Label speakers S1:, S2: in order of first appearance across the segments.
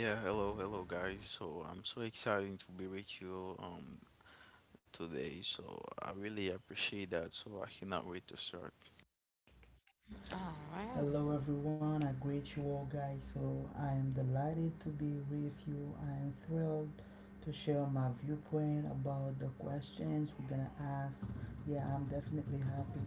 S1: Yeah, hello, hello guys. So I'm so excited to be with you today. So I really appreciate that. So I cannot wait to start.
S2: Hello everyone, I greet you all guys. So I am delighted to be with you. I am thrilled to share my viewpoint about the questions we're gonna ask. Yeah, I'm definitely happy.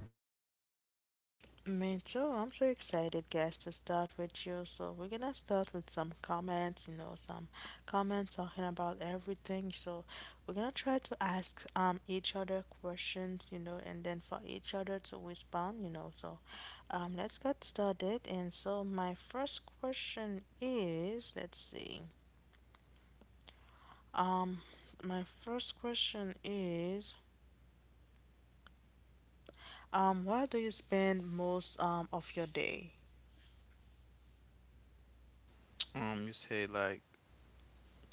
S1: You say, like,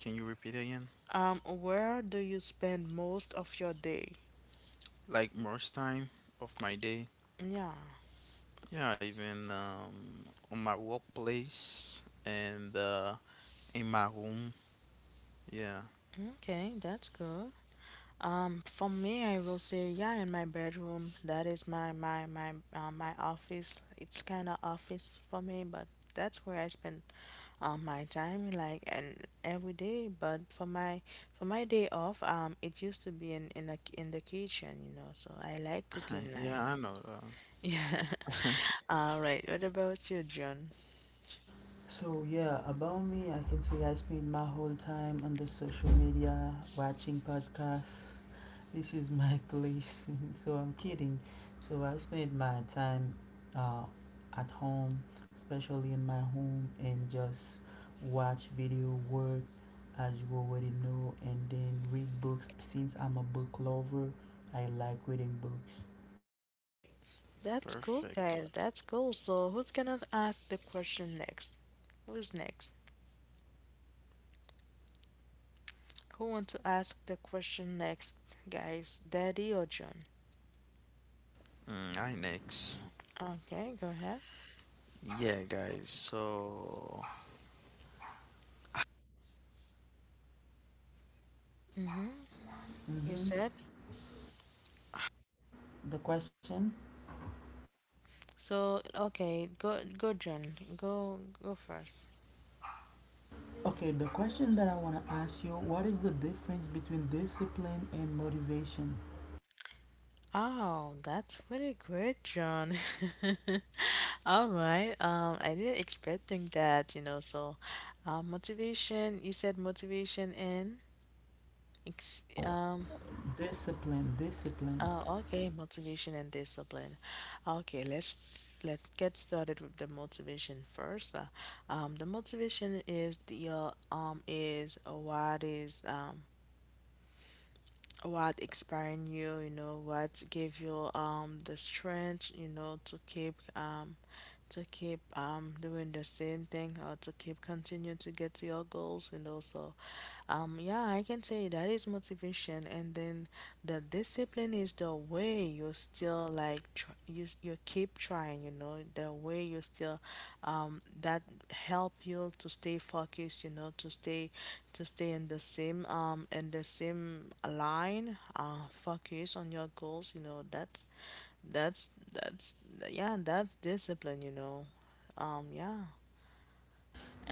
S1: can you repeat again? Like most time of my day. Yeah, even on my workplace and in my home. Yeah, yeah, I know that.
S2: So yeah, about me, I can say I spend my whole time on the social media watching podcasts. This is my place. So I'm kidding. So I spend my time uh, at home, especially in my home, and just watch video work as you already know, and then read books. Since I'm a book lover, I like reading books.
S1: Perfect. I next. Yeah, guys. So
S2: Mm-hmm. The question? Okay, the question that I want to ask you, what is the difference between discipline and motivation? Discipline, discipline.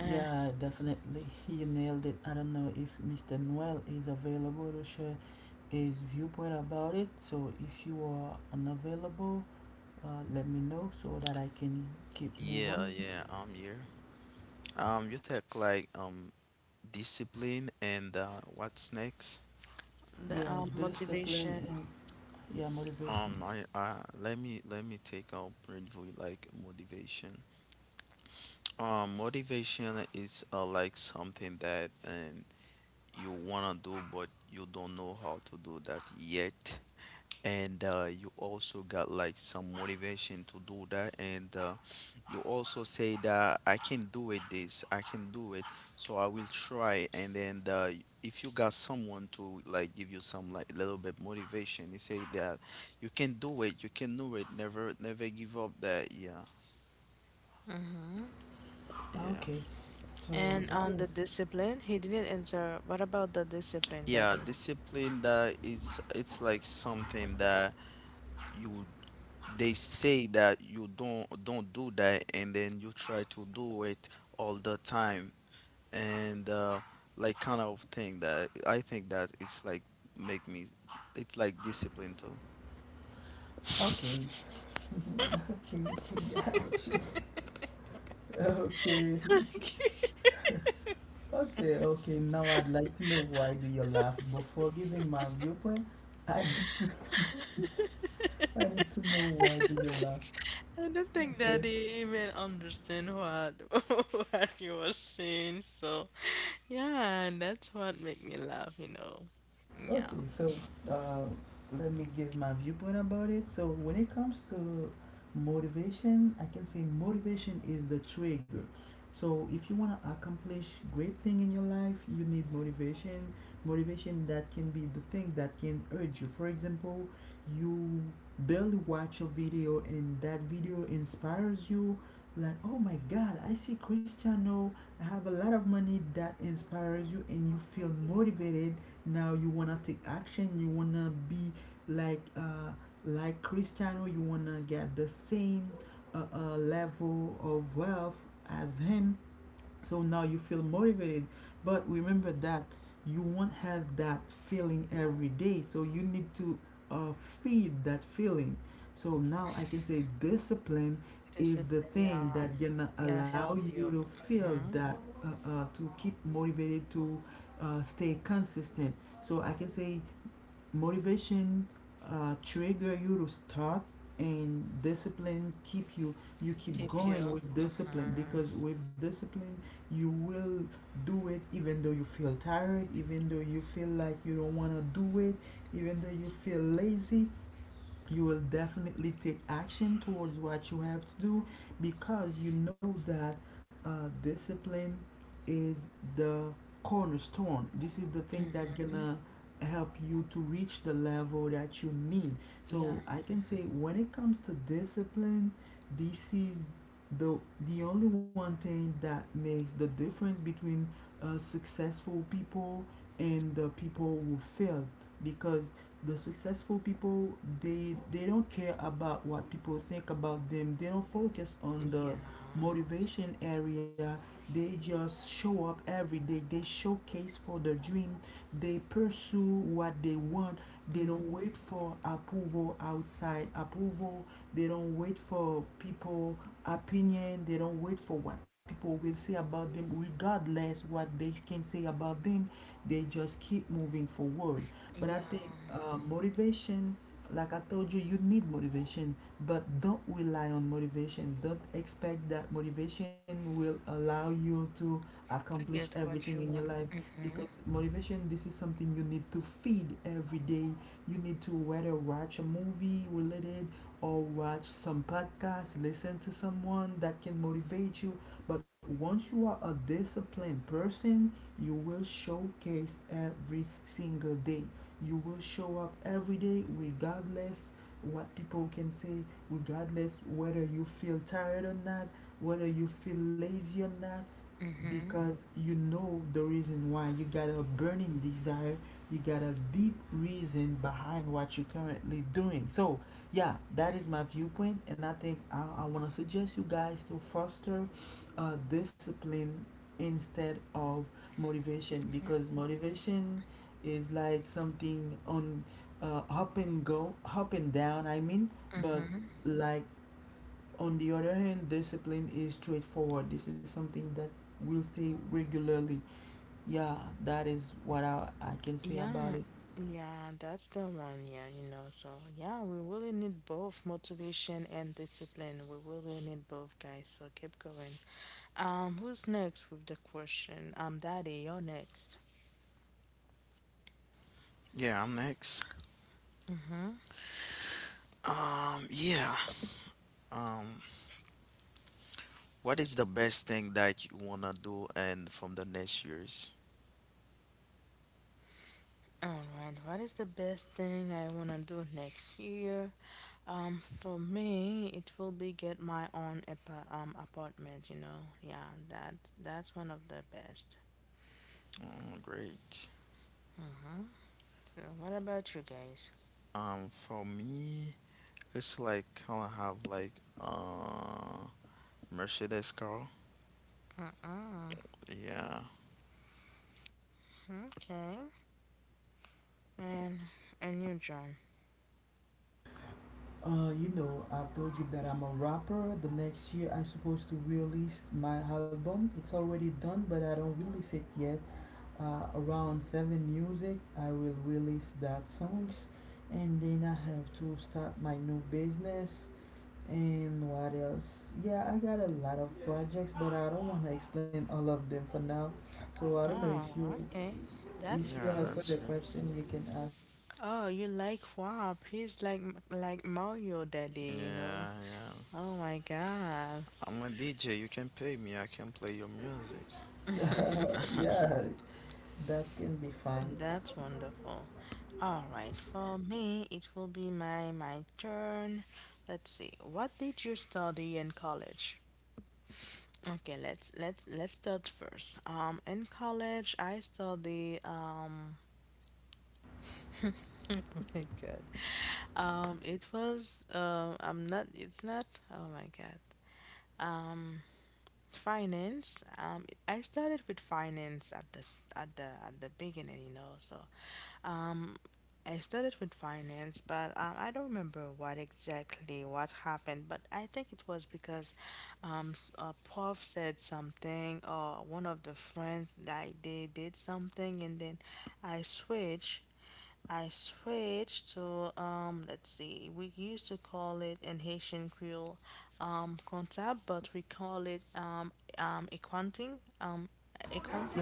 S2: Yeah, definitely. He nailed it. I don't know if Mr. Noel is available to share his viewpoint about it. So if you are unavailable, uh, let me know so that I can keep move on.
S1: yeah, yeah, I'm here. You take, like, discipline and what's next.
S2: Yeah, discipline and, yeah, motivation.
S1: I let me take out briefly, like, motivation. Motivation is like something that, and you want to do but you don't know how to do that yet, and you also got, like, some motivation to do that, and you also say that I can do it this, I can do it, so I will try. And then the, if you got someone to, like, give you some like little bit motivation, you say that you can do it, you can do it, never give up that. Yeah, yeah.
S2: Okay, so that is
S1: Yeah, discipline, that is, it's like something that you, they say that you don't do that and then you try to do it all the time, and like, kind of thing that I think that it's like make me, it's like discipline too.
S2: okay. Gosh. Okay, okay, okay. Now I'd like to know, why do you laugh? Before giving my viewpoint, I need to I need to know, why do you laugh? Okay. Okay, so uh, let me give my viewpoint about it. So when it comes to motivation, I can say motivation is the trigger. So if you want to accomplish great thing in your life, you need motivation. Motivation that can be the thing that can urge you. For example, you barely watch a video and that video inspires you. Like, oh my God, I see Cristiano, I have a lot of money, that inspires you, and you feel motivated. Now you wanna take action, you wanna be like uh like Cristiano, you wanna get the same level of wealth as him. So now you feel motivated, but remember that you won't have that feeling every day. So you need to uh, feed that feeling. So now I can say discipline is the thing that gonna allow you to feel that, to keep motivated, to stay consistent. So I can say motivation trigger you to start, and discipline keep you, you keep going with discipline, because with discipline you will do it even though you feel tired, even though you feel like you don't want to do it, even though you feel lazy. You will definitely take action towards what you have to do because you know that, discipline is the cornerstone. This is the thing that gonna help you to reach the level that you need. So I can say when it comes to discipline, this is the the only one thing that makes the difference between successful people and the people who failed, because the successful people, they don't care about what people think about them. They don't focus on the motivation area. They just show up every day, they showcase for their dream, they pursue what they want. They don't wait for approval, outside approval. They don't wait for people opinion, they don't wait for what people will say about them. Regardless what they can say about them, they just keep moving forward. But I think, motivation, like I told you, you need motivation, but don't rely on motivation. Don't expect that motivation will allow you to accomplish everything in your life, because motivation, this is something you need to feed every day. You need to whether watch a movie related, or watch some podcast, listen to someone that can motivate you. But once you are a disciplined person, you will showcase every single day, you will show up every day regardless what people can say, regardless whether you feel tired or not, whether you feel lazy or not, because you know the reason why. You got a burning desire, you got a deep reason behind what you're currently doing. So yeah, that is my viewpoint, and I think, I want to suggest you guys to foster discipline instead of motivation, because motivation is like something on up and go, up and down, I mean, but like, on the other hand, discipline is straightforward. This is something that will stay regularly. Yeah, that is what I can say about it.
S1: Yeah, I'm next. Yeah. Um, what is the best thing that you wanna do and from the next years? Oh, great. For me, it's like kind of have, like, uh Mercedes car. Yeah,
S2: I told you that I'm a rapper. The next year, I'm supposed to release my album. It's already done, but I don't release it yet. Around seven music, I will release that songs, and then I have to start my new business. And what else? Yeah, I got a lot of projects, but I don't want to explain all of them for now. So I don't know if you,
S1: yeah,
S2: have
S1: that's
S2: further
S1: true.
S2: question, you can
S1: Yeah, yeah. I'm a DJ. You can pay me. I can play your music.
S2: ask. Yeah, that can be fine.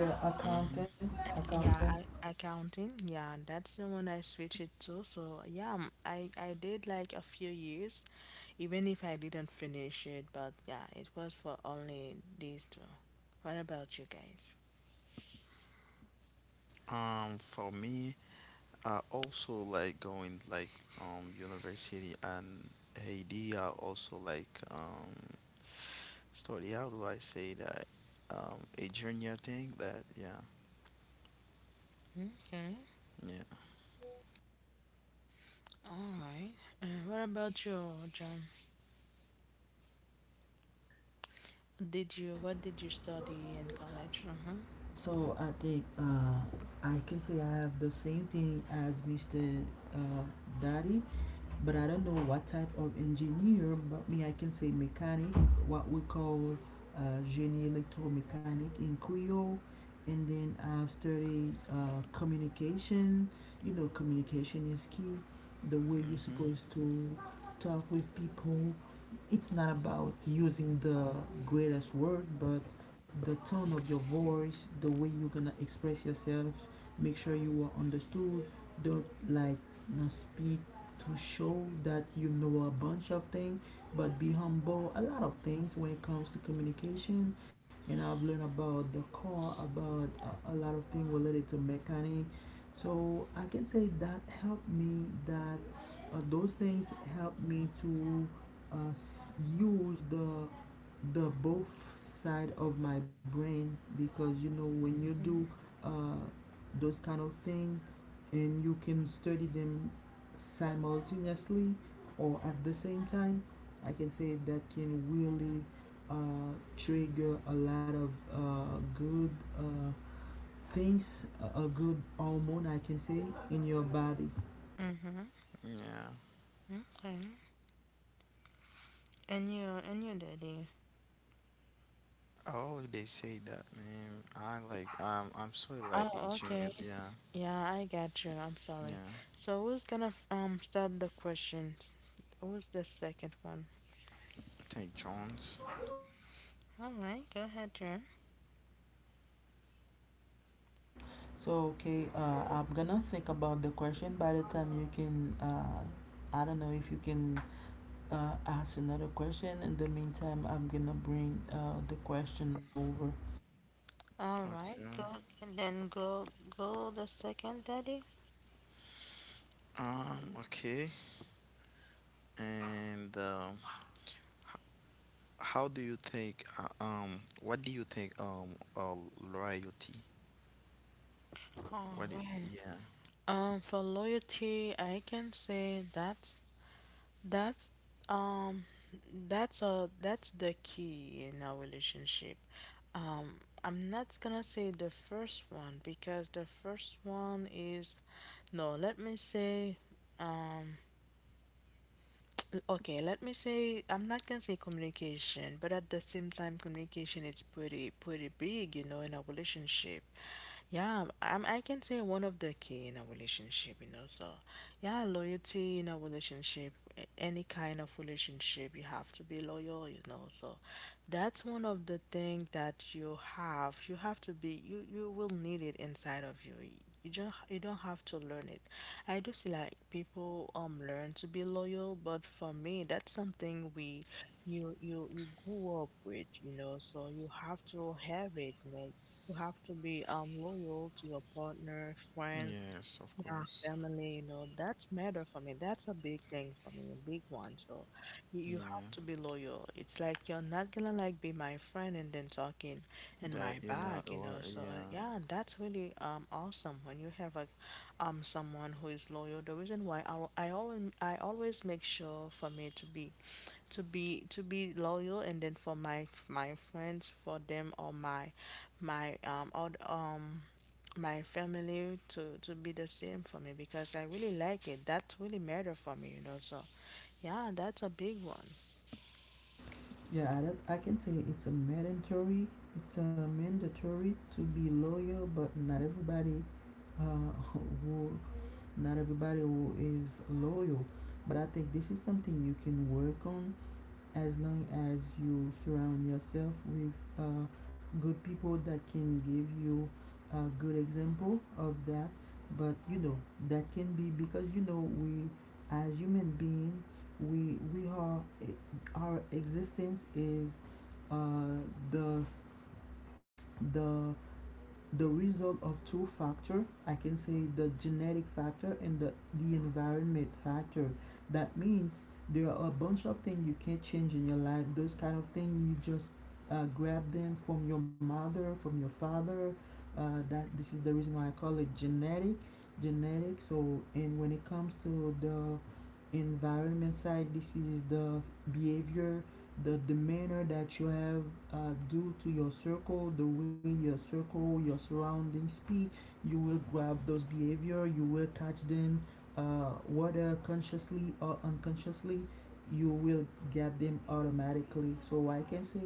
S2: The
S1: hmm
S2: accountant.
S1: For me, I also like going, like, university and Haiti. I also like study. How do I say that? A junior thing that yeah yeah
S2: So I think, I can say I have the same thing as Mr. Uh, Daddy, but I don't know what type of engineer. But me, I can say mechanic, what we call génie electromechanic in Creole, and then I've studied communication. You know, communication is key. The way you're
S1: mhm
S2: supposed to talk with people. It's not about using the greatest word, but the tone of your voice, the way you're gonna express yourself. Make sure you are understood. Don't like not speak to show that you know a bunch of things, but be humble. A lot of things when it comes to communication, and I've learned about the car, about a lot of things related to mechanic. So I can say that helped me. That Those things helped me to uh, use the both side of my brain, because you know, when you do uh, those kind of thing, and you can study them simultaneously, or at the same time, I can say that can really trigger a lot of good, uh, things, a good hormone, I can say, in your body.
S1: yeah. I always say that, man. I like I'm sorry, like a junior yeah yeah. I think John's.
S2: So okay, I'm gonna think about the question. By the time, you can, I don't know if you can ask another question. In the meantime, I'm gonna bring the question over.
S1: June. Okay, and how do you think, what do you think, loyalty? Yeah. Yes, of course. Yeah, that you're not yeah,
S2: Yeah, I, don't- I can say it's a mandatory. It's a mandatory to be loyal, but not everybody, uh, who not everybody who is loyal. But I think this is something you can work on, as long as you surround yourself with uh, good people that can give you a good example of that. But you know that can be, because we, as human being, we are, our existence is uh, the the the result of two factor, I can say the genetic factor, and the environment factor. That means there are a bunch of things you can't change in your life. Those kind of things, you just grab them from your mother, from your father. That This is the reason why I call it genetic. So, and when it comes to the environment side, this is the behavior, the demeanor that you have due to your circle, the way your circle, your surroundings speak, you will grab those behavior, you will catch them, whether consciously or unconsciously, you will get them automatically. So I can say,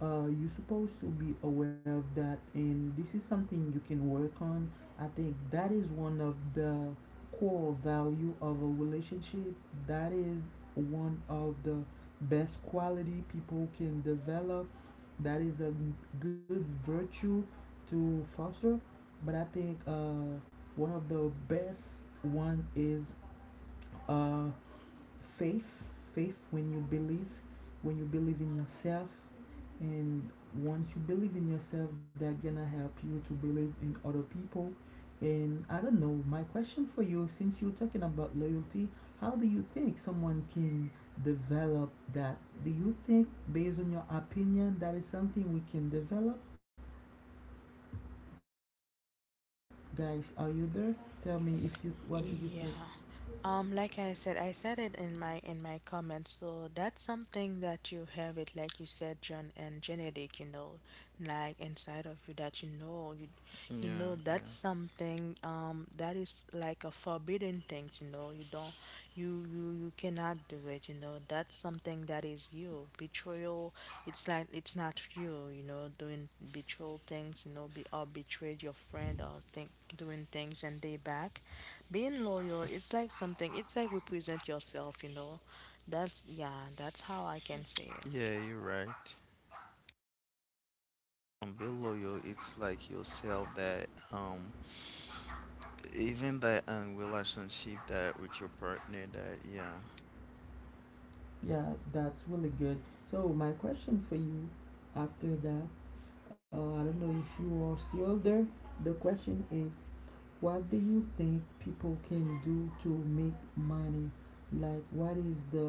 S2: you're supposed to be aware of that, and this is something you can work on. I think that is one of the core value of a relationship. That is one of the best quality people can develop. That is a good virtue to foster. But I think, one of the best one is uh, faith faith. When you believe in yourself, and once you believe in yourself, that gonna help you to believe in other people. And I don't know, my question for you, since you're talking about loyalty, how do you think someone can develop that? Do you think, based on your opinion, that is something we can develop? Guys, are you there? Tell me, if you what do you think?
S1: yeah, yeah, yeah, you're right. Be loyal, it's like yourself that, um even that relationship that with your partner, that yeah.
S2: Yeah, that's really good. So my question for you after that, I don't know if you are still there. The question is, what do you think people can do to make money? Like, what is the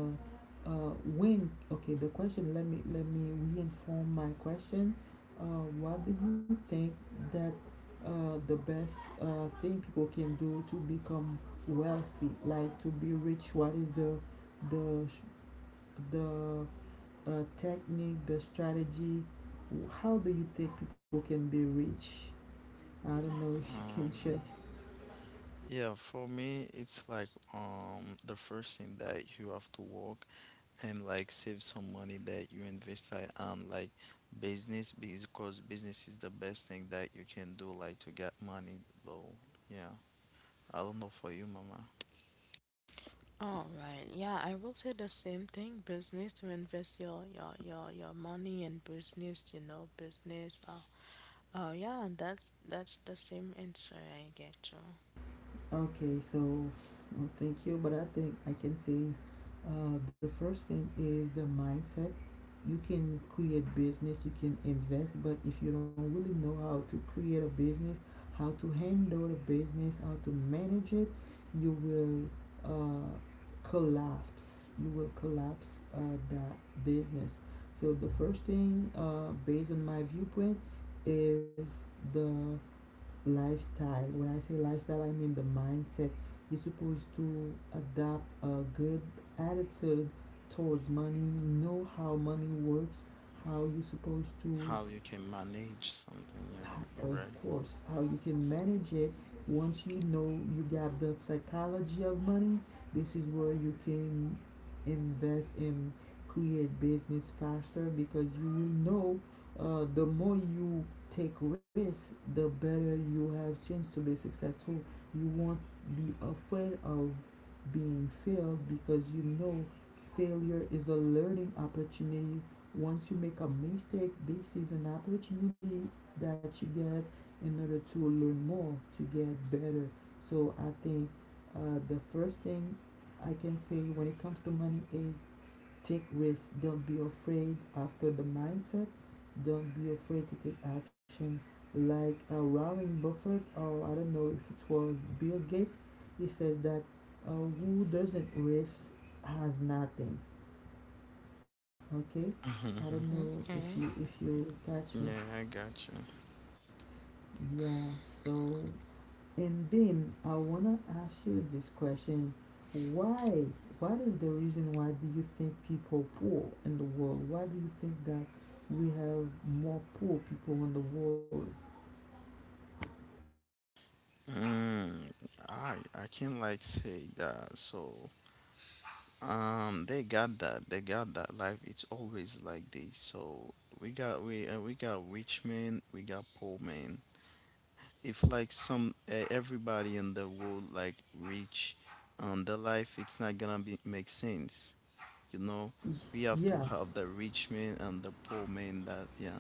S2: when? Okay, the question. Let me, reinform my question. What do you think that the best thing people can do to become wealthy, like to be rich? What is the the technique, the strategy? How do you think people can be rich? I don't know if you can share.
S1: um yeah, for me it's like, the first thing that you have to work, and, like, save some money that you invest, like, on, like, business, because business is the best thing that you can do, like, to get money though. Yeah, I don't know for you, mama.
S2: Okay, so, well, thank you, but I think I can say the first thing is the mindset. You can create business, you can invest, but if you don't really know how to create a business, how to handle the business, how to manage it, you will collapse. You will collapse that business. So the first thing, based on my viewpoint, is the lifestyle. When I say lifestyle, I mean the mindset. You're supposed to adopt a good attitude towards money, know how money works, how you're supposed to,
S1: How you can manage something, yeah,
S2: of
S1: you're right.
S2: course, how you can manage it. Once you know you got the psychology of money, this is where you can invest and create business faster because you will know the more you take risks, the better you have chance to be successful. You won't be afraid of being failed because you know failure is a learning opportunity. Once you make a mistake, this is an opportunity that you get in order to learn more, to get better. So I think the first thing I can say when it comes to money is take risks. Don't be afraid after the mindset. Don't be afraid to take action. Like Warren Buffett, or I don't know if it was Bill Gates, he said that who doesn't risk has nothing. Okay, I don't know if you catch me.
S1: yeah, I got you.
S2: Yeah. So, and then I wanna ask you this question. Why? What is the reason why do you think people poor in the world? Why do you think that we have more poor people in the world?
S1: mm, I can, like, say that, so they got that life, it's always like this. So we got rich men, we got poor men. If, like, some, everybody in the world, like, reach, the life, it's not gonna be make sense, you know we have to
S2: Yeah.
S1: have the rich man and the poor man, that yeah.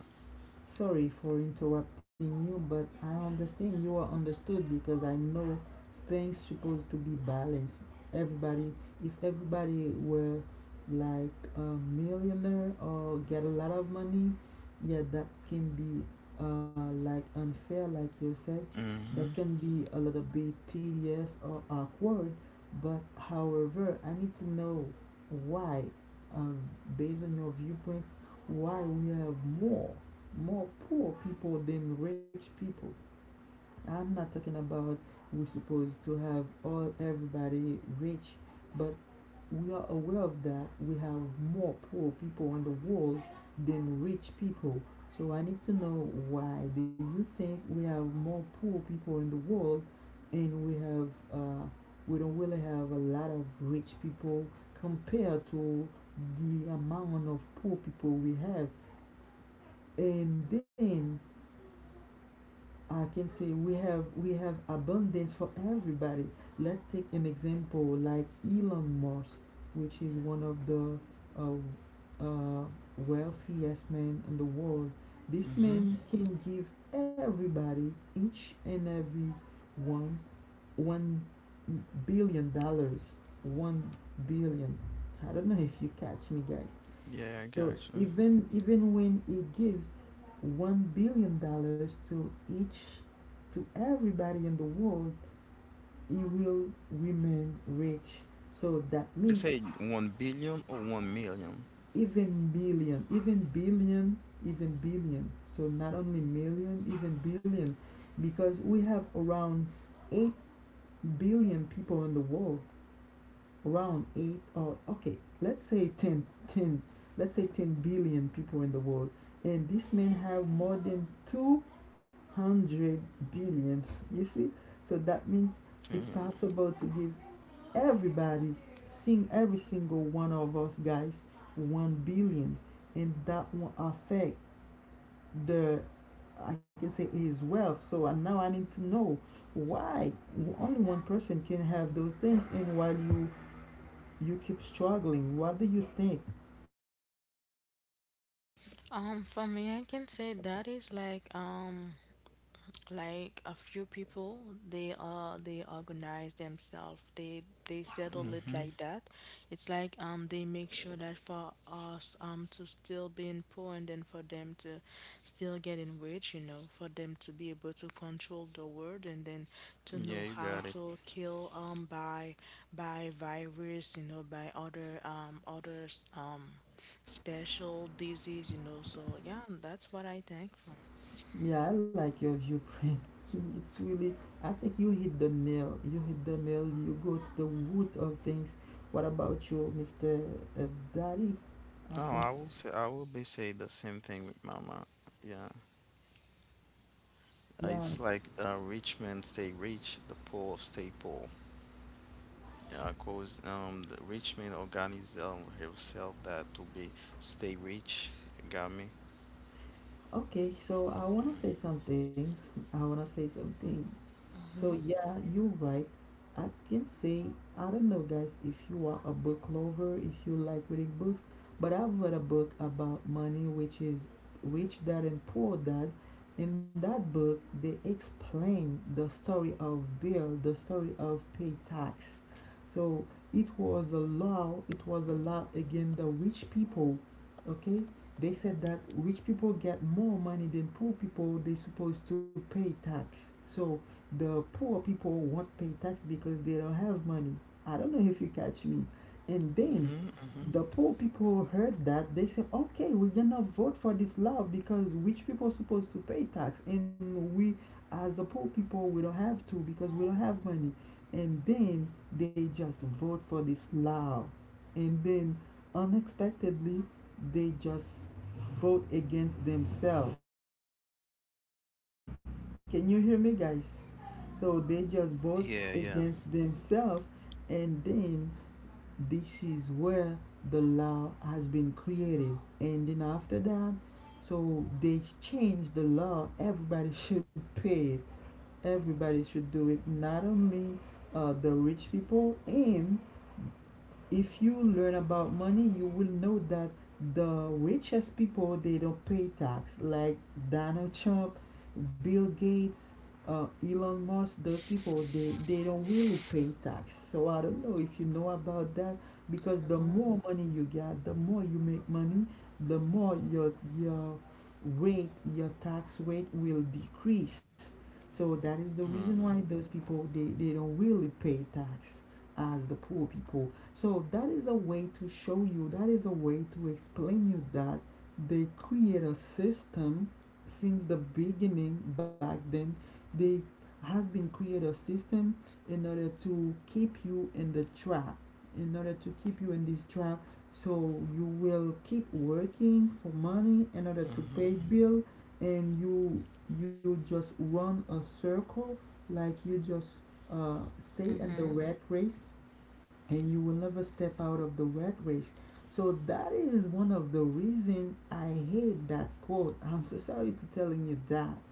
S2: Sorry for interrupting you, but I understand you are understood because I know things supposed to be balanced. Everybody, if everybody were like a millionaire or get a lot of money, yeah, that can be like unfair, like you said. That
S1: Mm-hmm.
S2: can be a little bit tedious or awkward. But however, I need to know why, um, based on your viewpoint, why we have more more poor people than rich people. I'm not talking about we're supposed to have all everybody rich, but we are aware of that. We have more poor people on the world than rich people. So I need to know why do you think we have more poor people in the world, and we have uh, we don't really have a lot of rich people compared to the amount of poor people we have, and then I can say we have abundance for everybody. Let's take an example like Elon Musk, which is one of the uh, uh, wealthiest men in the world. This
S1: Mm-hmm.
S2: man can give everybody, each and every one, $1 billion. 1 billion. I don't know if you catch me, guys.
S1: Yeah, I
S2: So
S1: got you.
S2: even when he gives $1 billion to each to everybody in the world, he will remain rich. So that
S1: They
S2: means
S1: say 1 billion or 1 million.
S2: even billion, even billion, even billion. So not only million, even billion, because we have around 8 billion people in the world. Around 8, or okay, let's say ten, ten, let's say 10 billion people in the world. And this man have more than 200 billion, you see. So that means it's
S1: Mm-hmm.
S2: possible to give everybody, seeing every single one of us, guys, 1 billion, and that will affect the, I can say, his wealth. So, and now I need to know why only one person can have those things, and while you keep struggling. What do you think?
S1: Yeah, you got it.
S2: Yeah, I like your viewpoint. It's really, I think you hit the nail. You hit the nail. You go to the roots of things. What about you, Mr. uh, Daddy? I
S1: Oh,
S2: think
S1: I will be say the same thing with mama, yeah. It's
S2: yes.
S1: like a rich man stay rich, the poor stay poor, cause the rich man organize himself that to be stay rich. You got me?
S2: Okay, so I
S1: Yeah.
S2: wanna say something. I wanna say something. So yeah, you're right. I can say, I don't know, guys, if you are a book lover, if you like reading books, but I've read a book about money, which is Rich Dad and Poor Dad. In that book, they explain the story of Bill, the story of pay tax. So it was a law. It was a law against the rich people. Okay, they said that rich people get more money than poor people. They supposed to pay tax. So the poor people won't pay tax because they don't have money. I don't know if you catch me. And then
S1: Hmm. Hmm.
S2: the poor people heard that. They said, okay, we're gonna vote for this law because rich people are supposed to pay tax, and we, as a poor people, we don't have to because we don't have money. And then they just vote for this law, and then unexpectedly, they just vote against themselves. Can you hear me, guys? So they just vote
S1: Yeah, yeah.
S2: against themselves, and then this is where the law has been created. And then after that, so they change the law. Everybody should pay it. Everybody should do it. Not only the rich people. And if you learn about money you will know that the richest people they don't pay tax, like Donald Trump, Bill Gates, Elon Musk. Those people, they don't really pay tax. So I don't know if you know about that, because the
S3: Mhm.
S2: more money you get, the more you make money, the more your your tax rate will decrease. So that is the reason why
S1: Mm-hmm.
S2: those people, they don't really pay tax as the poor people. So that is a way to show you, that is a way to explain you, that they create a system since the beginning back then. They have been create a system in order to keep you in the trap, in order to keep you in this trap. So you will keep working for money in order to pay
S1: Mm-hmm.
S2: bill, and you just run a circle, like you just uh, stay in the
S3: Mhm.
S2: rat race, and you will never step out of the rat race. So that is one of the reason I hate that quote. I'm so sorry to telling you that.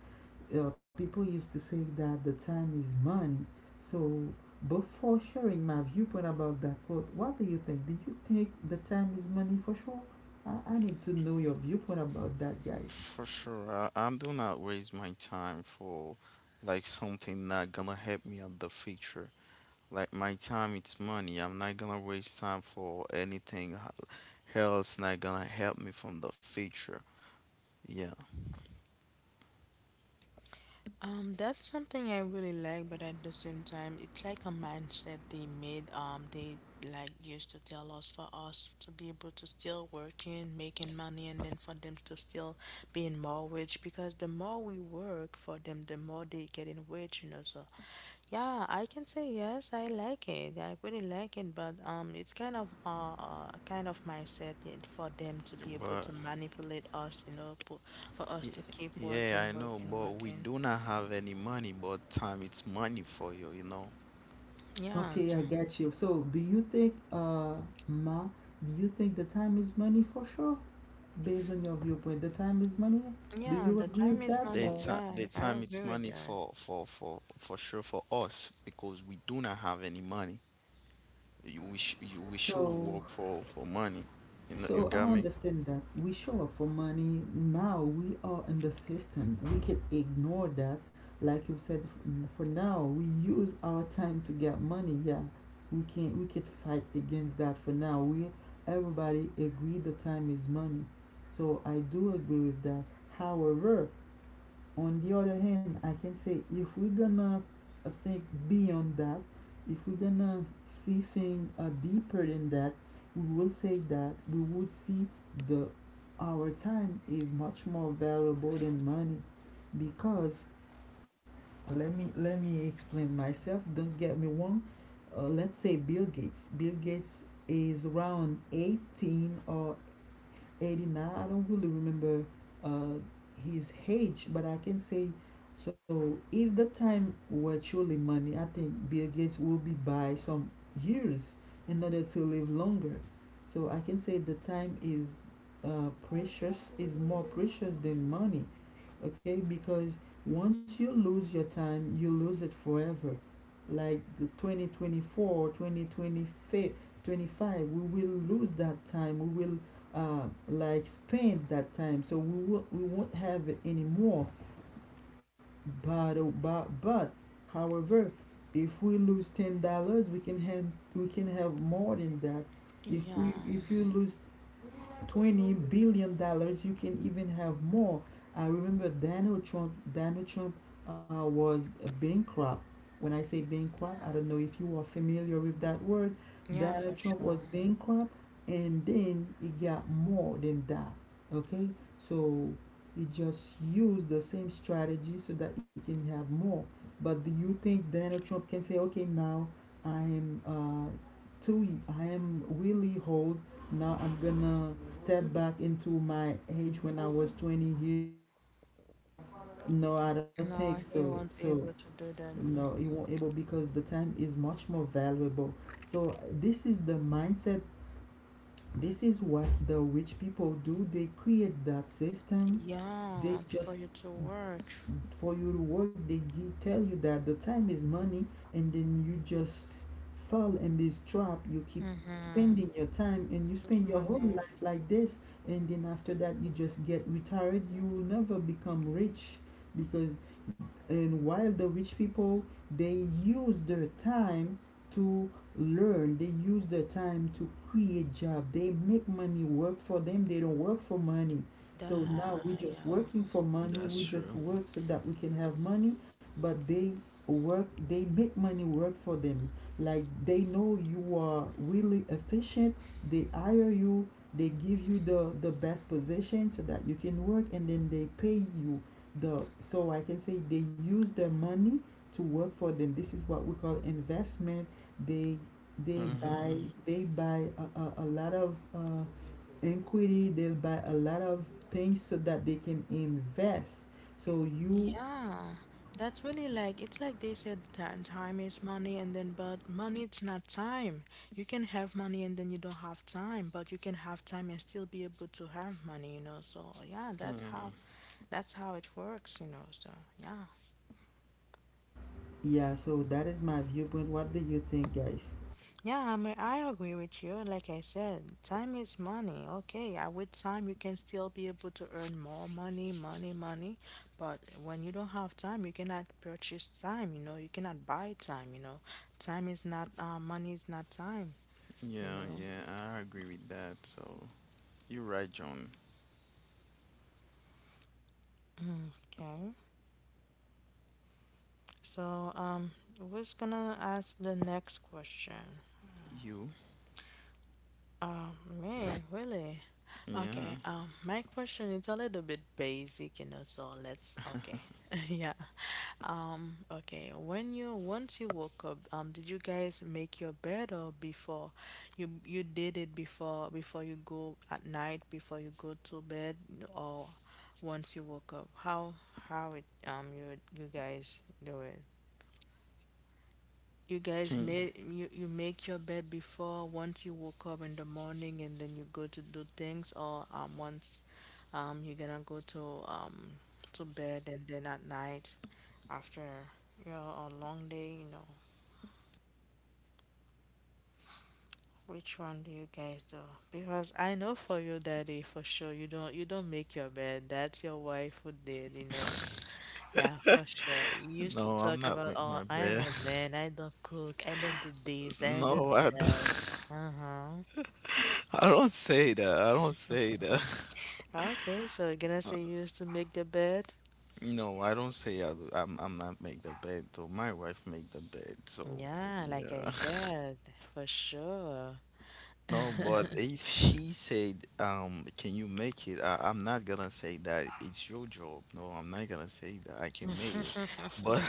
S2: People used to say that the time is money. So before sharing my viewpoint about that quote, what do you think? Do you think the time is money for sure? I need to know your viewpoint about that, guys.
S1: For sure. I do not waste my time for, like, something not gonna help me on the future. Like my time, it's money. I'm not gonna waste time for anything else not gonna help me from the future. Yeah,
S3: That's something I really like, but at the same time, it's like a mindset they made. They like used to tell us for us to be able to still working, making money, and then for them to still be in more rich because the more we work for them, the more they getting rich. So, yeah, I can say yes, I like it. I really like it, but it's kind of mindset it- for them to be able
S1: but
S3: to manipulate us, po- for us
S1: Y-
S3: to keep
S1: yeah,
S3: working,
S1: I know,
S3: working,
S1: but we
S3: working.
S1: do not have any money, but time it's money for you, you know.
S3: Yeah,
S2: Okay,
S3: t-
S2: I got you. So do you think, Ma, do you think the time is money for sure? Based on your viewpoint. The time is money. Do
S3: yeah,
S2: you
S3: the
S2: agree
S3: time
S2: with
S3: is
S2: that?
S1: The
S2: Or
S3: money.
S1: time, the
S3: Yeah, I
S1: time
S3: agree
S1: it's
S3: with
S1: money
S3: that.
S1: for sure for us, because we do not have any money. You, we sh you, we should
S2: so
S1: work for money. You know, you
S2: so I
S1: got me?
S2: understand that we show up for money. Now we are in the system. We can ignore that. Like you said, for now we use our time to get money. Yeah, we can fight against that. For now, we everybody agree the time is money. So I do agree with that. However, on the other hand, I can say if we're gonna think beyond that, if we're gonna see things deeper than that, we will say that we would see the our time is much more valuable than money, because let me explain myself. Don't get me wrong. Let's say Bill Gates is around 18 or 89. I don't really remember uh, his age, but I can say, so if the time were truly money, I think Bill Gates will be by some years in order to live longer. So I can say the time is precious is more precious than money. Okay, because once you lose your time, you lose it forever. Like the 2024, we will lose that time. We will uh, like spend that time, so we won't have it anymore. But, oh, but however, if we lose $10, we can have more than that. if
S3: Yeah,
S2: we if you lose $20 billion, you can even have more. I remember Donald Trump was bankrupt. When I say bankrupt, I don't know if you are familiar with that word.
S3: yeah,
S2: Donald
S3: for
S2: Trump was
S3: sure.
S2: bankrupt, and then he got more than that. Okay, so he just used the same strategy so that he can have more. But do you think Donald Trump can say, okay, now I am too, I am really whole, now I'm gonna step back into my age when I was 20 years? No, I don't think
S3: No,
S2: so.
S3: he won't be
S2: So
S3: able to do that.
S2: no,
S3: Mm.
S2: it won't able because the time is much more valuable. So this is the mindset. This is what the rich people do. They create that system. They
S3: Yeah, for
S2: just,
S3: you to work.
S2: for you to work, they tell you that the time is money, and then you just fall in this trap, you keep
S3: Mm-hmm.
S2: spending your time, and you
S3: It's
S2: spend your whole
S3: money.
S2: life like this, and then after that you just get retired. You will never become rich, because and while the rich people, they use their time to learn, they use their time to create job, they make money work for them, they don't work for money.
S3: Da,
S2: So now we just
S3: yeah.
S2: working for money.
S1: That's
S2: We
S1: true.
S2: just work so that we can have money, but they work, they make money work for them. Like they know you are really efficient. They hire you. They give you the best position so that you can work, and then they pay you the. So I can say they use their money to work for them. This is what we call investment. They they
S1: Mm-hmm.
S2: buy
S1: Hmm.
S2: they buy a lot of equity. They'll buy a lot of things so that they can invest so you.
S3: Yeah, that's really like it's like they said that time is money and then but money it's not time. You can have money and then you don't have time, but you can have time and still be able to have money. So yeah,
S1: yeah,
S3: that's how it works. So yeah.
S2: Yeah, so that is my viewpoint. What do you think, guys?
S3: Yeah, I mean, I agree with you. Like I said, time is money. Okay, with time you can still be able to earn more money, money, money. But when you don't have time, you cannot purchase time, you cannot buy time. Time is not, money is not time, you
S1: yeah,
S3: know.
S1: yeah, I agree with that. So you're right, John.
S3: Okay, so who's gonna ask the next question?
S1: You,
S3: Um, me, really? Okay,
S1: yeah.
S3: my question is a little bit basic, so let's, okay, yeah. Okay, when you once you woke up, did you guys make your bed or before you did it before before you go at night before you go to bed or once you woke up? How it you you guys do it? You guys
S1: Can-
S3: made you, you make your bed before once you woke up in the morning and then you go to do things or once you're gonna go to bed and then at night after you know a long day you know which one do you guys do because I know for you daddy for sure you don't make your bed that's your wife who did you know yeah for sure you used to
S1: No, I'm
S3: talk
S1: not
S3: about
S1: making
S3: oh
S1: my
S3: I am
S1: bed.
S3: a man I don't cook I don't do this I don't do
S1: No, I
S3: that
S1: don't.
S3: uh-huh
S1: I don't say that. I don't say that.
S3: okay so you're gonna
S1: Uh,
S3: say you used to make the bed
S1: No, I don't say I'm not make the bed. So my wife make the bed. So
S3: yeah like I
S1: yeah.
S3: said for sure
S1: No, but if she said, can you make it? I'm not gonna say that it's your job. No, I'm not gonna say that I can make it. But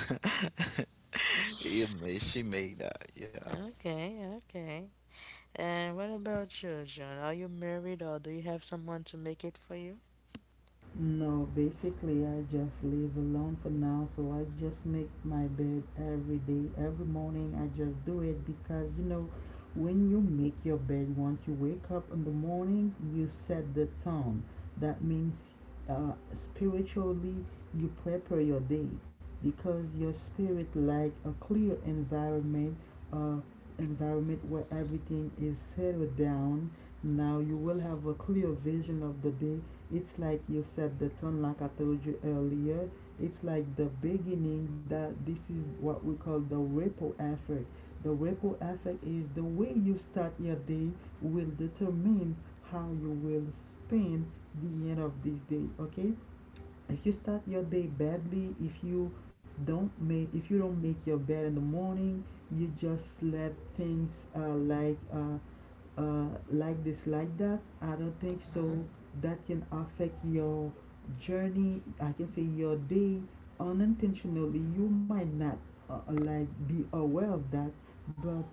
S1: it may, she made that. Yeah.
S3: okay okay. And what about you, John? Are you married or do you have someone to make it for you?
S2: No, basically, I just leave alone for now. So I just make my bed every day, every morning. I just do it because, you know, when you make your bed, once you wake up in the morning, you set the tone. That means spiritually, you prepare your day because your spirit like a clear environment, uh, environment where everything is settled down. Now you will have a clear vision of the day. It's like you said the tone, like I told you earlier. It's like the beginning. That this is what we call the ripple effect. The ripple effect is the way you start your day will determine how you will spend the end of this day. Okay, if you start your day badly, if you don't make your bed in the morning, you just let things like this like that, I don't think so, that can affect your journey, I can say your day. Unintentionally, you might not like be aware of that, but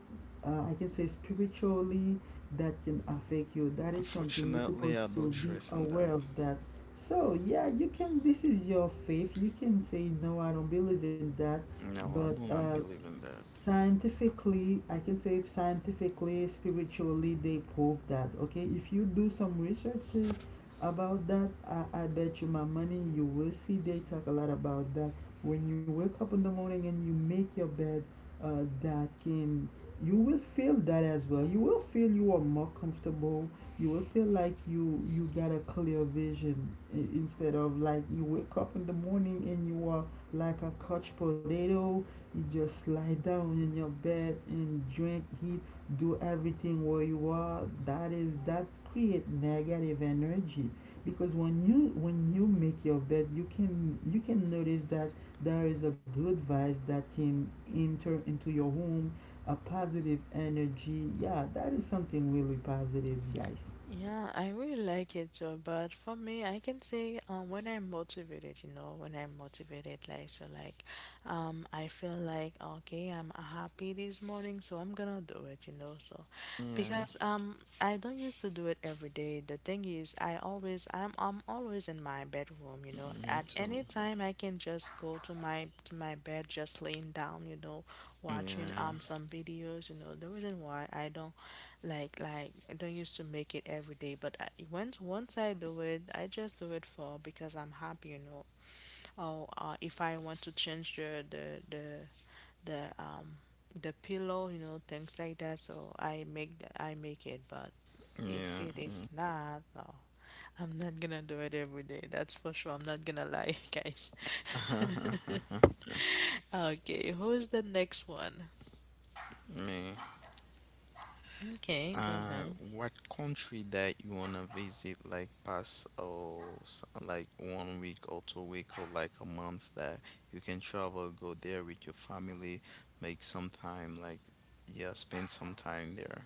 S2: I can say spiritually that can affect you. That is something you're
S1: Unfortunately, I
S2: supposed
S1: don't
S2: to be
S1: trust in that.
S2: aware of that. So yeah, you can. This is your faith. You can say no, I don't believe in that,
S1: No, I
S2: but
S1: do not believe in that.
S2: scientifically, I can say scientifically, spiritually, they prove that. Okay, if you do some researches about that, I bet you my money you will see they talk a lot about that. When you wake up in the morning and you make your bed, that can, you will feel that as well. You will feel you are more comfortable. You will feel like you got a clear vision, instead of like you wake up in the morning and you are like a couch potato. You just lie down in your bed and drink, eat, do everything where you are. That is, that create negative energy because when you make your bed, you can, you can notice that there is a good vibe that can enter into your home, a positive energy. Yeah, that is something really positive, guys.
S3: Yeah, I really like it too, but for me, I can say when I'm motivated, when I'm motivated, like so, like I feel like okay, I'm happy this morning, so I'm gonna do it, so
S1: Yeah.
S3: because I don't used to do it every day. The thing is, I always I'm always in my bedroom, you know.
S1: Me
S3: At
S1: too.
S3: any time, I can just go to my bed, just laying down, you know, watching
S1: Yeah.
S3: some videos, you know. The reason why I don't like I don't used to make it every day, but I, once once I do it, I just do it for because I'm happy, you know. Or if I want to change the um the pillow, you know, things like that. So I make the, I make it, but if
S1: Yeah.
S3: it is
S1: Yeah.
S3: not, no, I'm not gonna do it every day. That's for sure. I'm not gonna lie, guys. Okay, who's the next one?
S1: Me,
S3: Okay, go
S1: uh,
S3: ahead.
S1: what country that you wanna visit? Like, pass, or like one week or 2 week or like a month that you can travel, go there with your family, make some time. Like, yeah, spend some time there.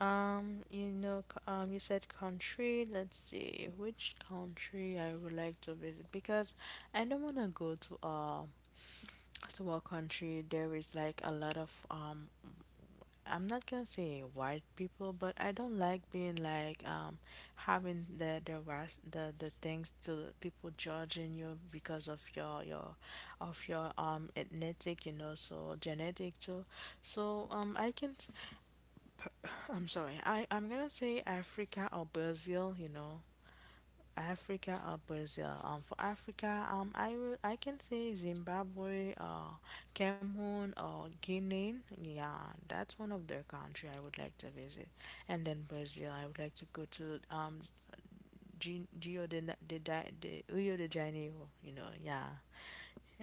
S3: You know, c- you said country. Let's see which country I would like to visit because I don't want to go to a country there is like a lot of I'm not gonna say white people, but I don't like being like having the ras- the things to people judging you because of your of your ethnic, you know, so genetic too. So I can I'm sorry. I'm gonna say Africa or Brazil. You know, Africa or Brazil. For Africa, I will I can say Zimbabwe or Cameroon or Guinea. Yeah, that's one of the country I would like to visit. And then Brazil, I would like to go to G- Rio de, Na- de, Di- de Rio de Janeiro. You know, yeah,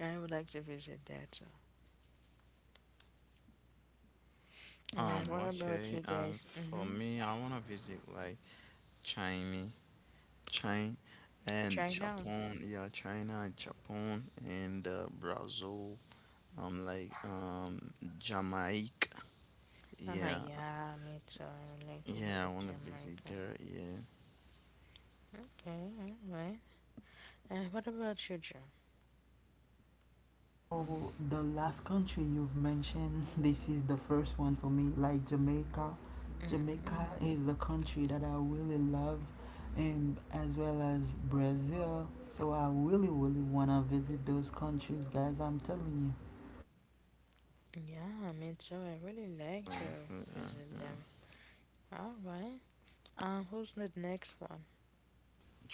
S3: I would like to visit that. Too. And what about
S1: Okay.
S3: you guys?
S1: For
S3: Mm-hmm.
S1: me, I wanna visit, like, China, China and
S3: China.
S1: Japan. Yeah, China and Japan, and Brazil. Like, Jamaica.
S3: Uh-huh,
S1: Yeah,
S3: yeah, me too. I would like to
S1: yeah, I
S3: visit
S1: want to visit
S3: Jamaica.
S1: there. Yeah.
S3: Okay, alright. What about you, Joe?
S2: So the last country you've mentioned, this is the first one for me, like Jamaica. Jamaica is
S3: Mm-hmm.
S2: the country that I really love, and as well as Brazil. So I really, really wanna visit those countries, guys. I'm telling you.
S3: Yeah, me too. I really like
S1: Uh,
S3: to
S1: yeah,
S3: visit them.
S1: yeah.
S3: Alright. Who's the next one?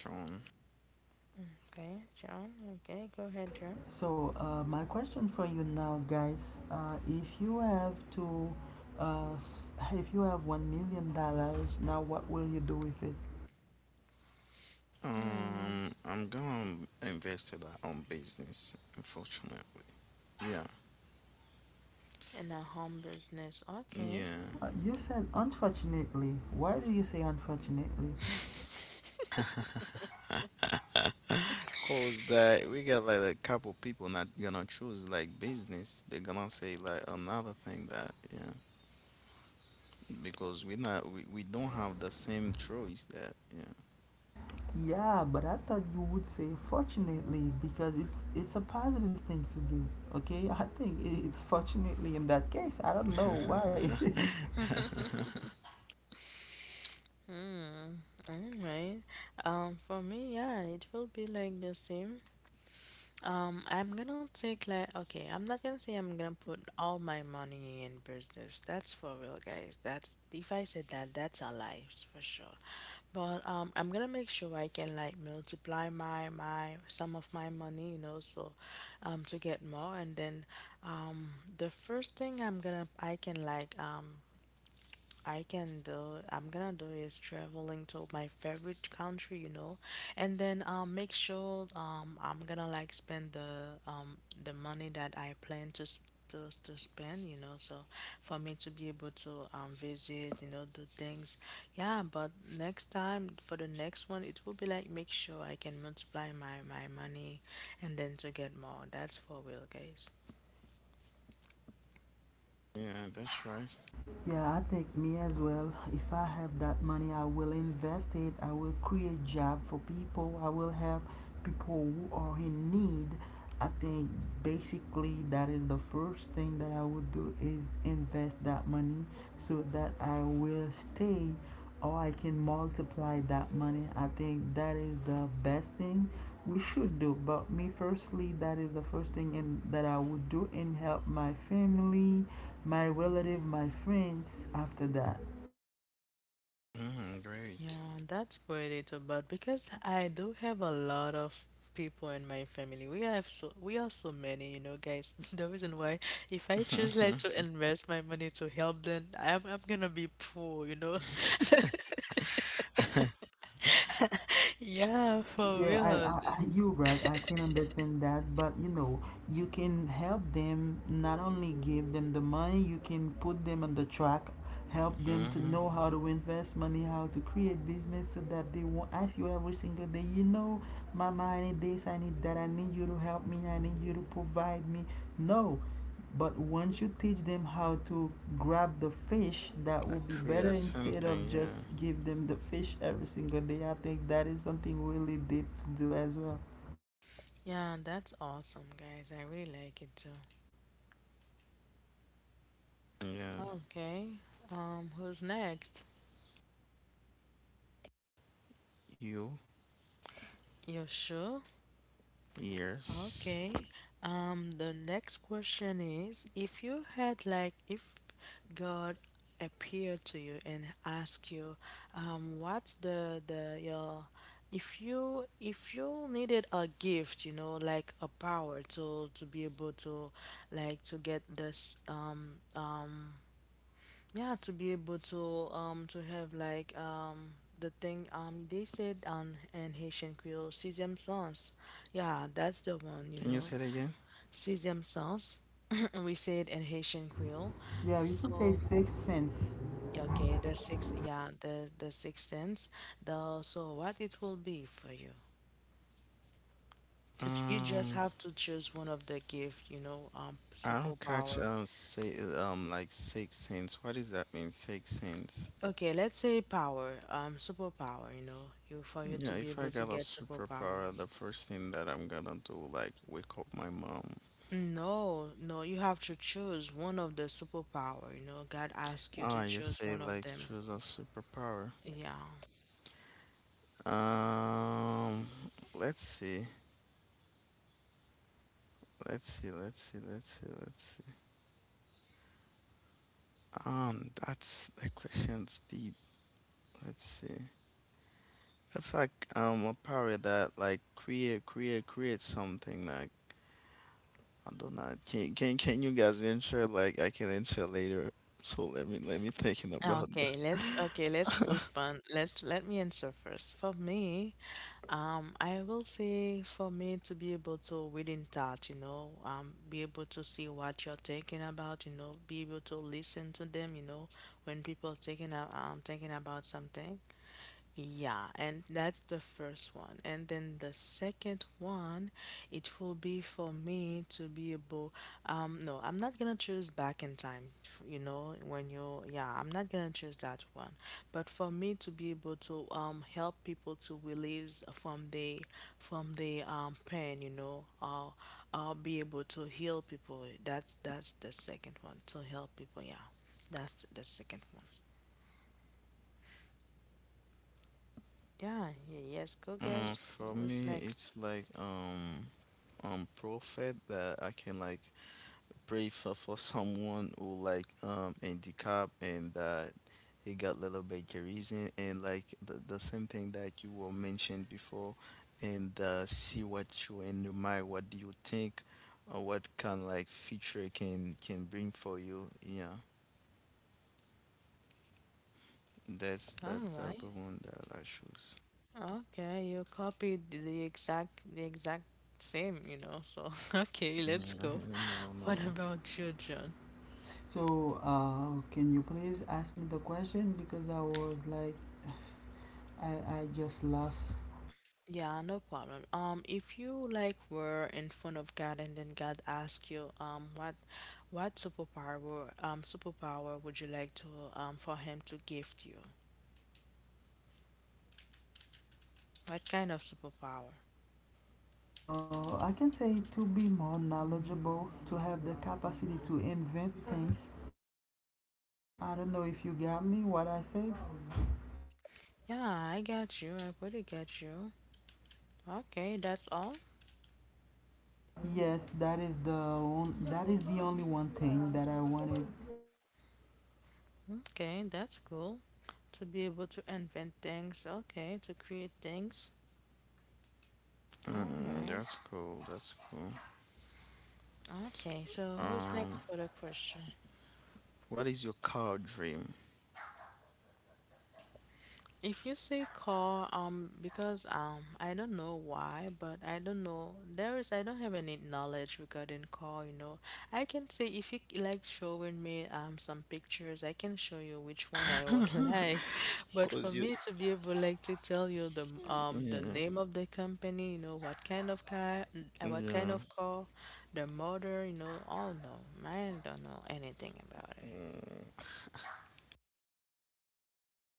S1: Tron.
S3: Okay, John. Okay, go ahead, John.
S2: So my question for you now, guys, if you have to, s- if you have $1 million, now what will you do with it?
S3: Mm,
S1: I'm gonna invest in that on business. Unfortunately, yeah,
S3: in a home business. Okay.
S1: yeah.
S2: You said unfortunately. Why do you say unfortunately?
S1: Cause that we got, like, a couple people not gonna choose, like, business. They're gonna say, like, another thing, that yeah. Because we not we, we don't have the same choice, that yeah.
S2: Yeah, but I thought you would say fortunately because it's a positive thing to do. Okay, I think it's fortunately in that case. I don't know why.
S3: Alright. For me, yeah, it will be like the same. I'm gonna take like okay, I'm not gonna say I'm gonna put all my money in business. That's for real, guys. That's if I said that, that's a lie for sure. But I'm gonna make sure I can like multiply my my some of my money, you know, so to get more. And then um, the first thing I'm gonna I can like I can do I'm gonna do is traveling to my favorite country, you know, and then make sure I'm gonna like spend the money that I plan to s- to spend, you know, so for me to be able to visit, you know, do things. Yeah, but next time for the next one it will be like make sure I can multiply my my money and then to get more. That's for real, guys.
S1: yeah, that's right.
S2: Yeah, I think me as well. If I have that money, I will invest it. I will create job for people. I will help people who are in need. I think basically that is the first thing that I would do is invest that money so that I will stay or I can multiply that money. I think that is the best thing we should do. But me, firstly, that is the first thing in, that I would do, and help my family, my relative, my friends after that.
S1: Great.
S3: Yeah, that's what it's about because I do have a lot of people in my family. We have so we are so many, you know, guys. The reason why if I choose like to invest my money to help them, I'm gonna be poor, you know. Yeah, for
S2: Yeah, I,
S3: real.
S2: I, I you're right. I can understand that, but you know, you can help them, not only give them the money. You can put them on the track, help them to
S1: hmm
S2: know how to invest money, how to create business, so that they won't ask you every single day. You know, mama, I need this, I need that, I need you to help me, I need you to provide me. No, but once you teach them how to grab the fish, that will
S1: That
S2: be better
S1: creates
S2: instead of
S1: something,
S2: just
S1: yeah.
S2: give them the fish every single day. I think that is something really deep to do as well.
S3: Yeah, that's awesome, guys. I really like it too.
S1: Yeah.
S3: Okay. Who's next?
S1: You,
S3: You sure?
S1: years.
S3: Okay. The next question is if you had like if God appeared to you and asked you, what's the your if you needed a gift, you know, like a power to be able to like to get this yeah, to be able to have like the thing they said in Haitian Creole, sesame sauce. Yeah, that's the one, you
S1: Can you
S3: know
S1: say it again?
S3: see themselves. we say it in Haitian Creole.
S2: Yeah, you can say
S3: So
S2: sixth sense.
S3: yeah, okay, the six yeah, the sixth sense. The so what it will be for you. Just- You just
S1: Um,
S3: have to choose one of the gift, you know,
S1: I don't catch,
S3: superpower.
S1: say, like, 6 cents. What does that mean? 6 cents.
S3: Okay, let's say power, superpower, you know, you for you to
S1: Yeah,
S3: be
S1: if I
S3: able to
S1: got a
S3: get superpower.
S1: superpower, the first thing that I'm gonna do, like, wake up my mom.
S3: No, no, you have to choose one of the superpower, you know. God asks you to
S1: Ah, you
S3: choose
S1: say,
S3: one of
S1: like,
S3: them.
S1: choose a superpower.
S3: Yeah.
S1: Um, let's see. Let's see, let's see, let's see, let's see. That's, the question's deep. Let's see. That's like, a power that, like, create something, like, I don't know. Can you guys ensure, like, I can ensure later. So let me thinking
S3: Ah,
S1: about
S3: okay,
S1: that.
S3: let's okay, let's respond. Let's let me answer first. For me, I will say for me to be able to within touch, you know, be able to see what you're thinking about, you know, be able to listen to them, you know, when people are thinking a- thinking about something. Yeah, and that's the first one. And then the second one, it will be for me to be able, no, I'm not gonna choose back in time, f- you know, when you're, yeah, I'm not gonna choose that one. But for me to be able to help people to release from the pain, you know, I'll be able to heal people. That's the second one, to help people, yeah. That's the second one. Yeah, y- yes, go guess
S1: For
S3: what's
S1: me,
S3: next.
S1: it's like, prophet that I can, like, pray for someone who, like, handicap, and that he got little bit charisma, and like the same thing that you were mentioned before, and see what you and your mind, what do you think or what kind, like, feature can bring for you yeah, that's
S3: All
S1: that's the
S3: right.
S1: other one that I choose.
S3: Okay, you copied the exact same, you know. So, okay, let's go.
S1: Mhm. No,
S3: What
S1: no.
S3: about you, John?
S2: So, can you please ask me the question, because I was like, I just lost.
S3: Yeah, no problem. If you like were in front of God and then God asked you, what superpower, were- superpower would you like to, for Him to gift you? What kind of superpower?
S2: I can say to be more knowledgeable, to have the capacity to invent things. I don't know if you got me what I said.
S3: Yeah, I got you. I pretty get you. Okay, that's all.
S2: Yes, that is the on, that is the only one thing that I wanted.
S3: Okay, that's cool. To be able to invent things. Okay, to create things. All right.
S1: That's cool. That's cool.
S3: Okay, so who's
S1: Um,
S3: next for the question?
S1: what is your car dream?
S3: If you say car, because I don't know why, but I don't know. There is, I don't have any knowledge regarding car, you know. I can say if you like showing me some pictures, I can show you which one I would like. But
S1: Cause
S3: for
S1: you,
S3: me to be able like to tell you the
S1: yeah,
S3: name of the company, you know, what kind of car, what kind
S1: yeah.
S3: of car, the model, you know. Oh no, I don't know anything about it.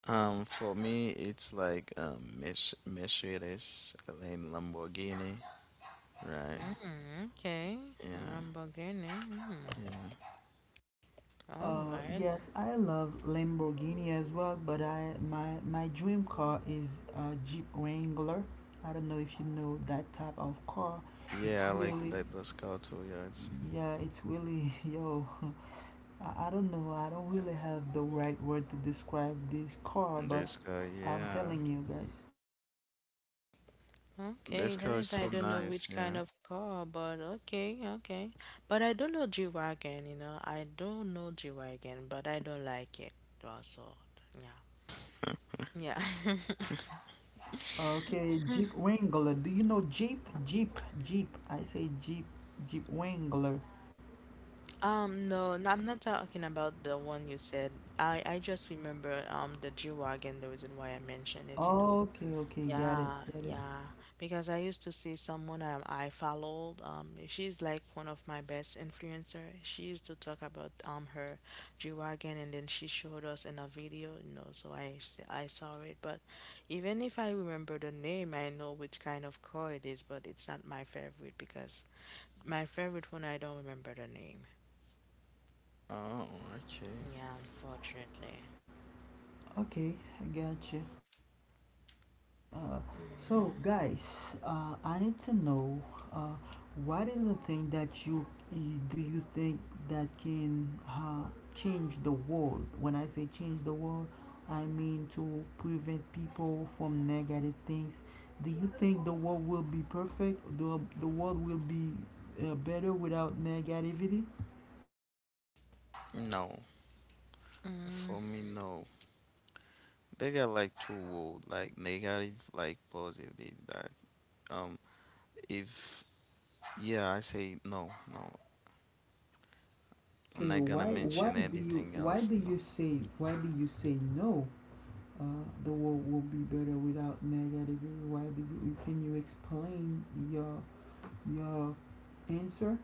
S1: For me, it's like, Mercedes, Lane Lamborghini, right?
S3: Mm, okay,
S1: Yeah,
S3: Lamborghini. Mm.
S1: yeah,
S3: All right.
S2: Yes, I love Lamborghini as well, but I, my dream car is a Jeep Wrangler. I don't know if you know that type of car. It's
S1: yeah. I like
S2: really,
S1: that those car too. Yeah, it's
S2: yeah, it's really, yo, I don't know. I don't really have the right word to describe this car, but
S1: this car.
S2: I'm
S1: Yeah,
S2: telling you, guys.
S3: Okay.
S1: this
S3: Even
S1: car is
S3: if I
S1: so
S3: don't know
S1: nice.
S3: which kind
S1: Yeah.
S3: of car, but okay, okay. But I don't know G-Wagon, you know. I don't know G-Wagon, but I don't like it. Also, yeah. Yeah.
S2: Okay, Jeep Wrangler. Do you know Jeep? Jeep, Jeep. I say Jeep, Jeep Wrangler.
S3: No, no, I'm not talking about the one you said. I just remember the G-Wagon, the reason why I mentioned it, you know.
S2: Okay, okay, got it,
S3: Yeah,
S2: got it.
S3: yeah. Because I used to see someone I followed. She's like one of my best influencer. She used to talk about her G-Wagon, and then she showed us in a video, you know. So I saw it, but even if I remember the name, I know which kind of car it is, but it's not my favorite because my favorite one I don't remember the name.
S1: Oh, okay.
S3: Yeah, unfortunately.
S2: Okay, I got you. Uh,
S3: Mm,
S2: so
S3: yeah.
S2: guys, I need to know, uh, what is the thing that do you think that can change the world? When I say change the world, I mean to prevent people from negative things. Do you think the world will be perfect? The world will be better without negativity?
S1: No, for me, no. They got, like, two world, like negative, like positive. That um, if yeah, I say no, no. I'm
S2: Okay,
S1: not gonna mention anything else. No.
S2: why do you say no? The world will be better without negativity. Why do you? Can you explain your your answer?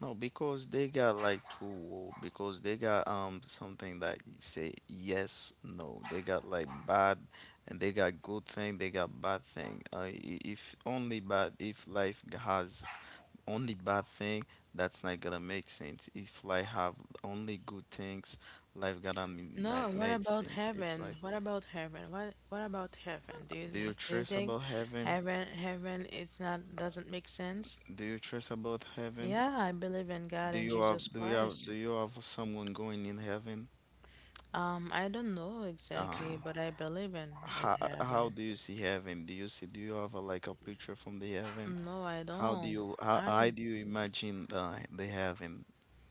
S1: No, because they got, like, two wall, because they got something that you say yes, no. They got, like, bad, and they got good thing, they got bad thing. If life has only bad thing, that's not gonna make sense. If life have only good things, life gonna
S3: No,
S1: not
S3: what
S1: make
S3: about
S1: sense. It's
S3: heaven?
S1: like,
S3: What about heaven? What about heaven? Do you
S1: do you
S3: do you
S1: trace
S3: think
S1: about heaven?
S3: heaven it's not doesn't make sense?
S1: Do you trace about heaven?
S3: Yeah, I believe in God and Jesus Christ.
S1: Do you have someone going in heaven?
S3: I don't know
S1: Uh
S3: exactly, but I believe in
S1: how
S3: heaven.
S1: do you see heaven? Do you have a, like, a picture from the heaven?
S3: No, I
S1: How do
S3: don't.
S1: you how,
S3: I
S1: how do you imagine the heaven?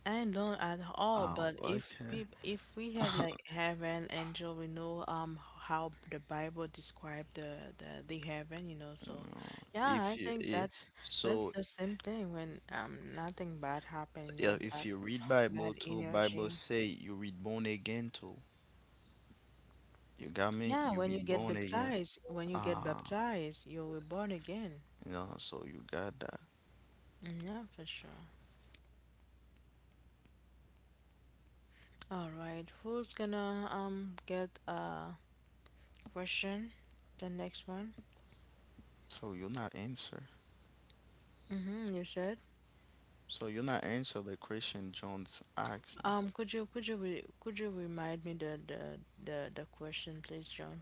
S3: I don't at all,
S1: Oh,
S3: but
S1: okay.
S3: if we have like heaven, angel, we know how the Bible describe the heaven, you know. So,
S1: Oh,
S3: yeah, I
S1: If you
S3: think
S1: I-
S3: that's
S1: so
S3: the same thing when nothing bad happen, you
S1: yeah,
S3: know,
S1: if you read
S3: bad
S1: Bible too, Bible
S3: energy.
S1: say you read born again too. You got me?
S3: Yeah,
S1: You
S3: when you
S1: read
S3: get
S1: born again.
S3: baptized, when you get
S1: Ah,
S3: baptized, you're born again.
S1: you know, so you got that.
S3: Mm, yeah, for sure. All right, who's gonna get a question? The next one.
S1: So you're not answer.
S3: Mm-hmm, you said.
S1: So you're not answer. The question John's asking.
S3: Could you re could you remind me the question, please, John?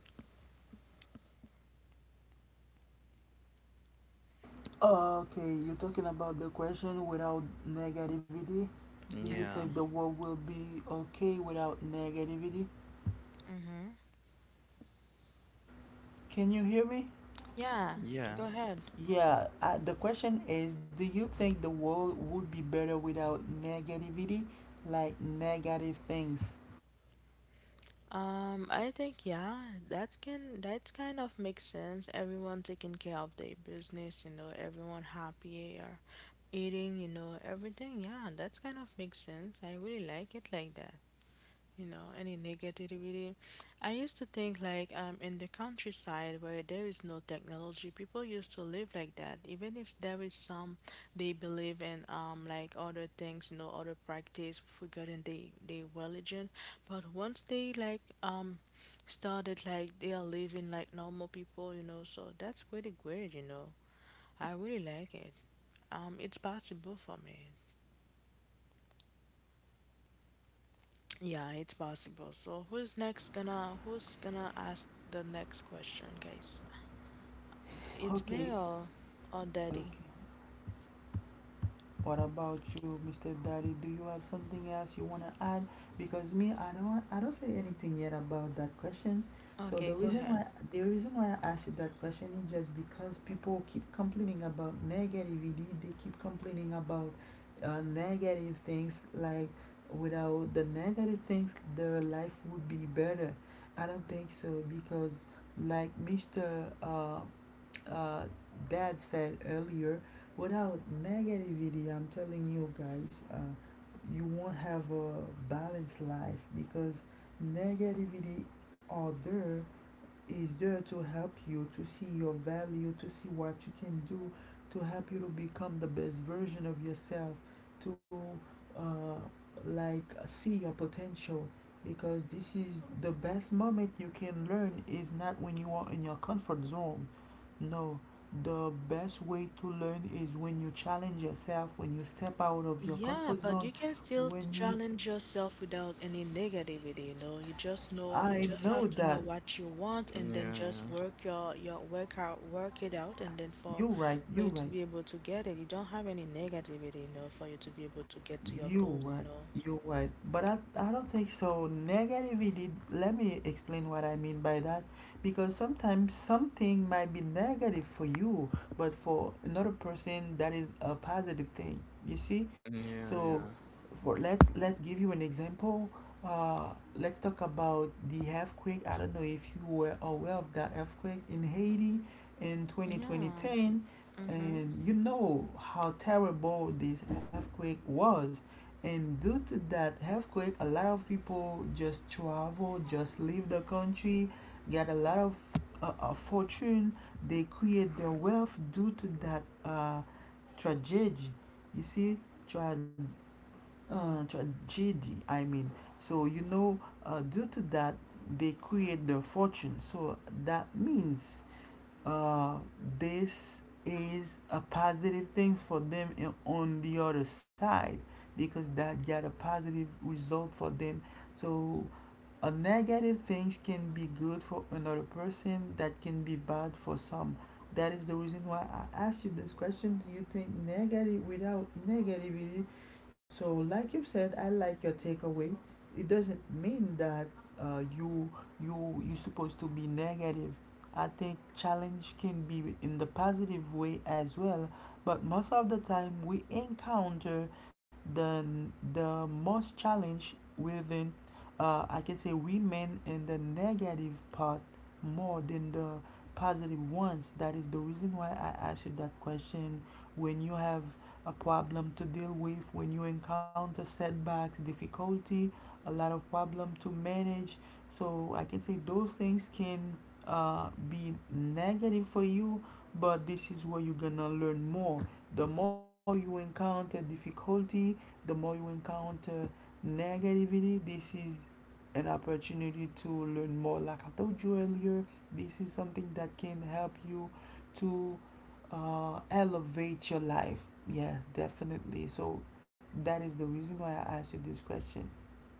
S2: Okay, you're talking about the question without negativity. Do you
S1: Yeah,
S2: think the world will be okay without negativity?
S3: Mm-hmm.
S2: Can you hear me?
S3: Yeah,
S1: yeah,
S3: go ahead.
S2: Yeah, the question is, do you think the world would be better without negativity? Like negative things.
S3: I think yeah, that's kind of makes sense. Everyone taking care of their business, you know, everyone happy or eating, you know, everything. Yeah, that's kind of makes sense. I really like it like that. You know, any negativity. I used to think like in the countryside where there is no technology, people used to live like that. Even if there is some, they believe in like other things, you know, other practice regarding the religion. But once they like started like they are living like normal people, you know, so that's pretty great, you know. I really like it. It's possible for me. Yeah, it's possible. So who's gonna ask the next question, guys? It's me
S2: Okay,
S3: or daddy?
S2: okay. What about you, Mr. Daddy? Do you have something else you wanna add? Because me, I don't say anything yet about that question. So
S3: Okay, go ahead.
S2: the reason why I asked you that question is just because people keep complaining about negativity. They keep complaining about negative things. Like without the negative things, their life would be better. I don't think so because, like Mr. Uh, Dad said earlier, without negativity, I'm telling you guys, you won't have a balanced life, because negativity are there is there to help you to see your value, to see what you can do, to help you to become the best version of yourself, to uh, like see your potential. Because this is the best moment you can learn is not when you are in your comfort zone. No, the best way to learn is when you challenge yourself, when you step out of your
S3: Yeah,
S2: comfort
S3: but
S2: zone,
S3: you can still
S2: when you.
S3: challenge yourself without any negativity, you know. You
S2: I
S3: just
S2: know
S3: have to know
S2: that
S3: what you want and then
S1: yeah,
S3: just work your work it out and then
S2: you're right,
S3: for you
S2: you're
S3: to
S2: right.
S3: be able to get it. You don't have any negativity, you know, for you to be able to get to your
S2: You
S3: goals, you
S2: right.
S3: know.
S2: You right. But I don't think so. Negativity, let me explain what I mean by that. Because sometimes something might be negative for you, but for another person that is a positive thing. You see?
S1: yeah, yeah,
S2: So
S1: yeah.
S2: for, let's give you an example. Uh, let's talk about the earthquake. I don't know if you were aware of that earthquake in Haiti in
S3: Yeah.
S2: 2020,
S3: Mm-hmm.
S2: and you know how terrible this earthquake was. And due to that earthquake, a lot of people just travel, just leave the country, get a lot of fortune. They create their wealth due to that tragedy. You see, tra- tragedy I mean. So you know, due to that, they create their fortune. So that means uh, this is a positive thing for them in, on the other side, because that got a positive result for them. So a negative things can be good for another person that can be bad for some. That is the reason why I asked you this question. Do you think negative without negativity? So like you said, I like your takeaway. It doesn't mean that you you're supposed to be negative. I think challenge can be in the positive way as well, but most of the time we encounter the the most challenge within I can say women in the negative part more than the positive ones. That is the reason why I asked you that question. When you have a problem to deal with, when you encounter setbacks, difficulty, a lot of problem to manage, so I can say those things can be negative for you, but this is where you're gonna learn more. The more you encounter difficulty, the more you encounter negativity, this is an opportunity to learn more. Like I told you earlier, this is something that can help you to elevate your life. Yeah, definitely. So that is the reason why I asked you this question.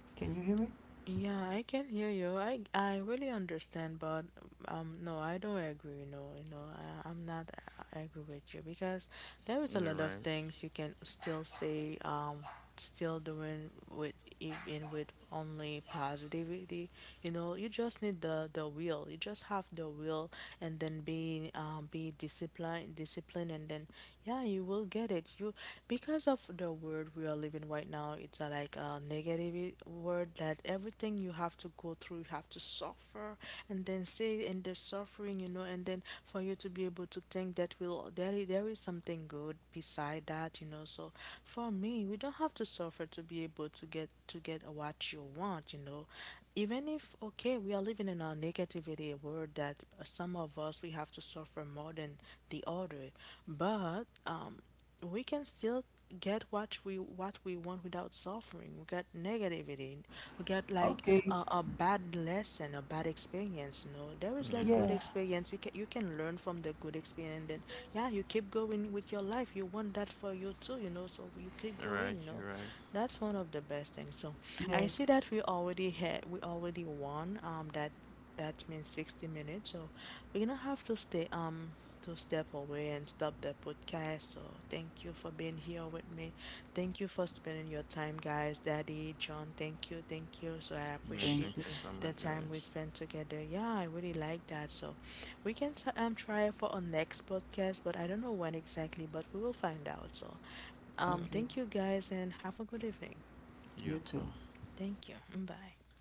S2: Can you hear me?
S3: Yeah, I can hear you. I really understand, but no, I don't agree. No, you know, I, I'm not I agree with you because there is a
S1: You're
S3: lot of
S1: right.
S3: things you can still say. Still doing with even with only positivity, you know, you just need the will, you just have the will and then be disciplined and then yeah you will get it you because of the world we are living right now, it's a, like a negative word that everything you have to go through, you have to suffer and then stay in the suffering, you know, and then for you to be able to think that will there is something good beside that, you know. So for me, we don't have to suffer to be able to get what you want, you know. Even if okay, we are living in our negativity world that some of us we have to suffer more than the other, but we can still get what we want without suffering. We get negativity. We get like
S2: Okay,
S3: a bad lesson, a bad experience. You know, there is
S1: Yeah,
S3: like good
S2: yeah.
S3: experience. You can learn from the good experience, and then yeah, you keep going with your life. You want that for you too. You know, so you keep
S1: you're right,
S3: going. You
S1: you're
S3: know,
S1: right.
S3: that's one of the best things. So
S2: Yes.
S3: I see that we already won. That means 60 minutes so we're gonna have to stay to step away and stop the podcast. So thank you for being here with me. Thank you for spending your time, guys. Daddy, John, thank you, thank you. So I
S1: Yeah,
S3: appreciate
S1: thank
S2: Thank
S1: you
S2: you.
S1: so
S3: the
S1: much,
S3: time we
S1: guys.
S3: spent together. Yeah, I really like that. So we can try it for our next podcast, but I don't know when exactly, but we will find out. So
S1: Okay,
S2: Okay.
S3: thank you guys and have a good evening.
S1: you
S2: You too.
S1: too.
S3: Thank you. Mm, bye.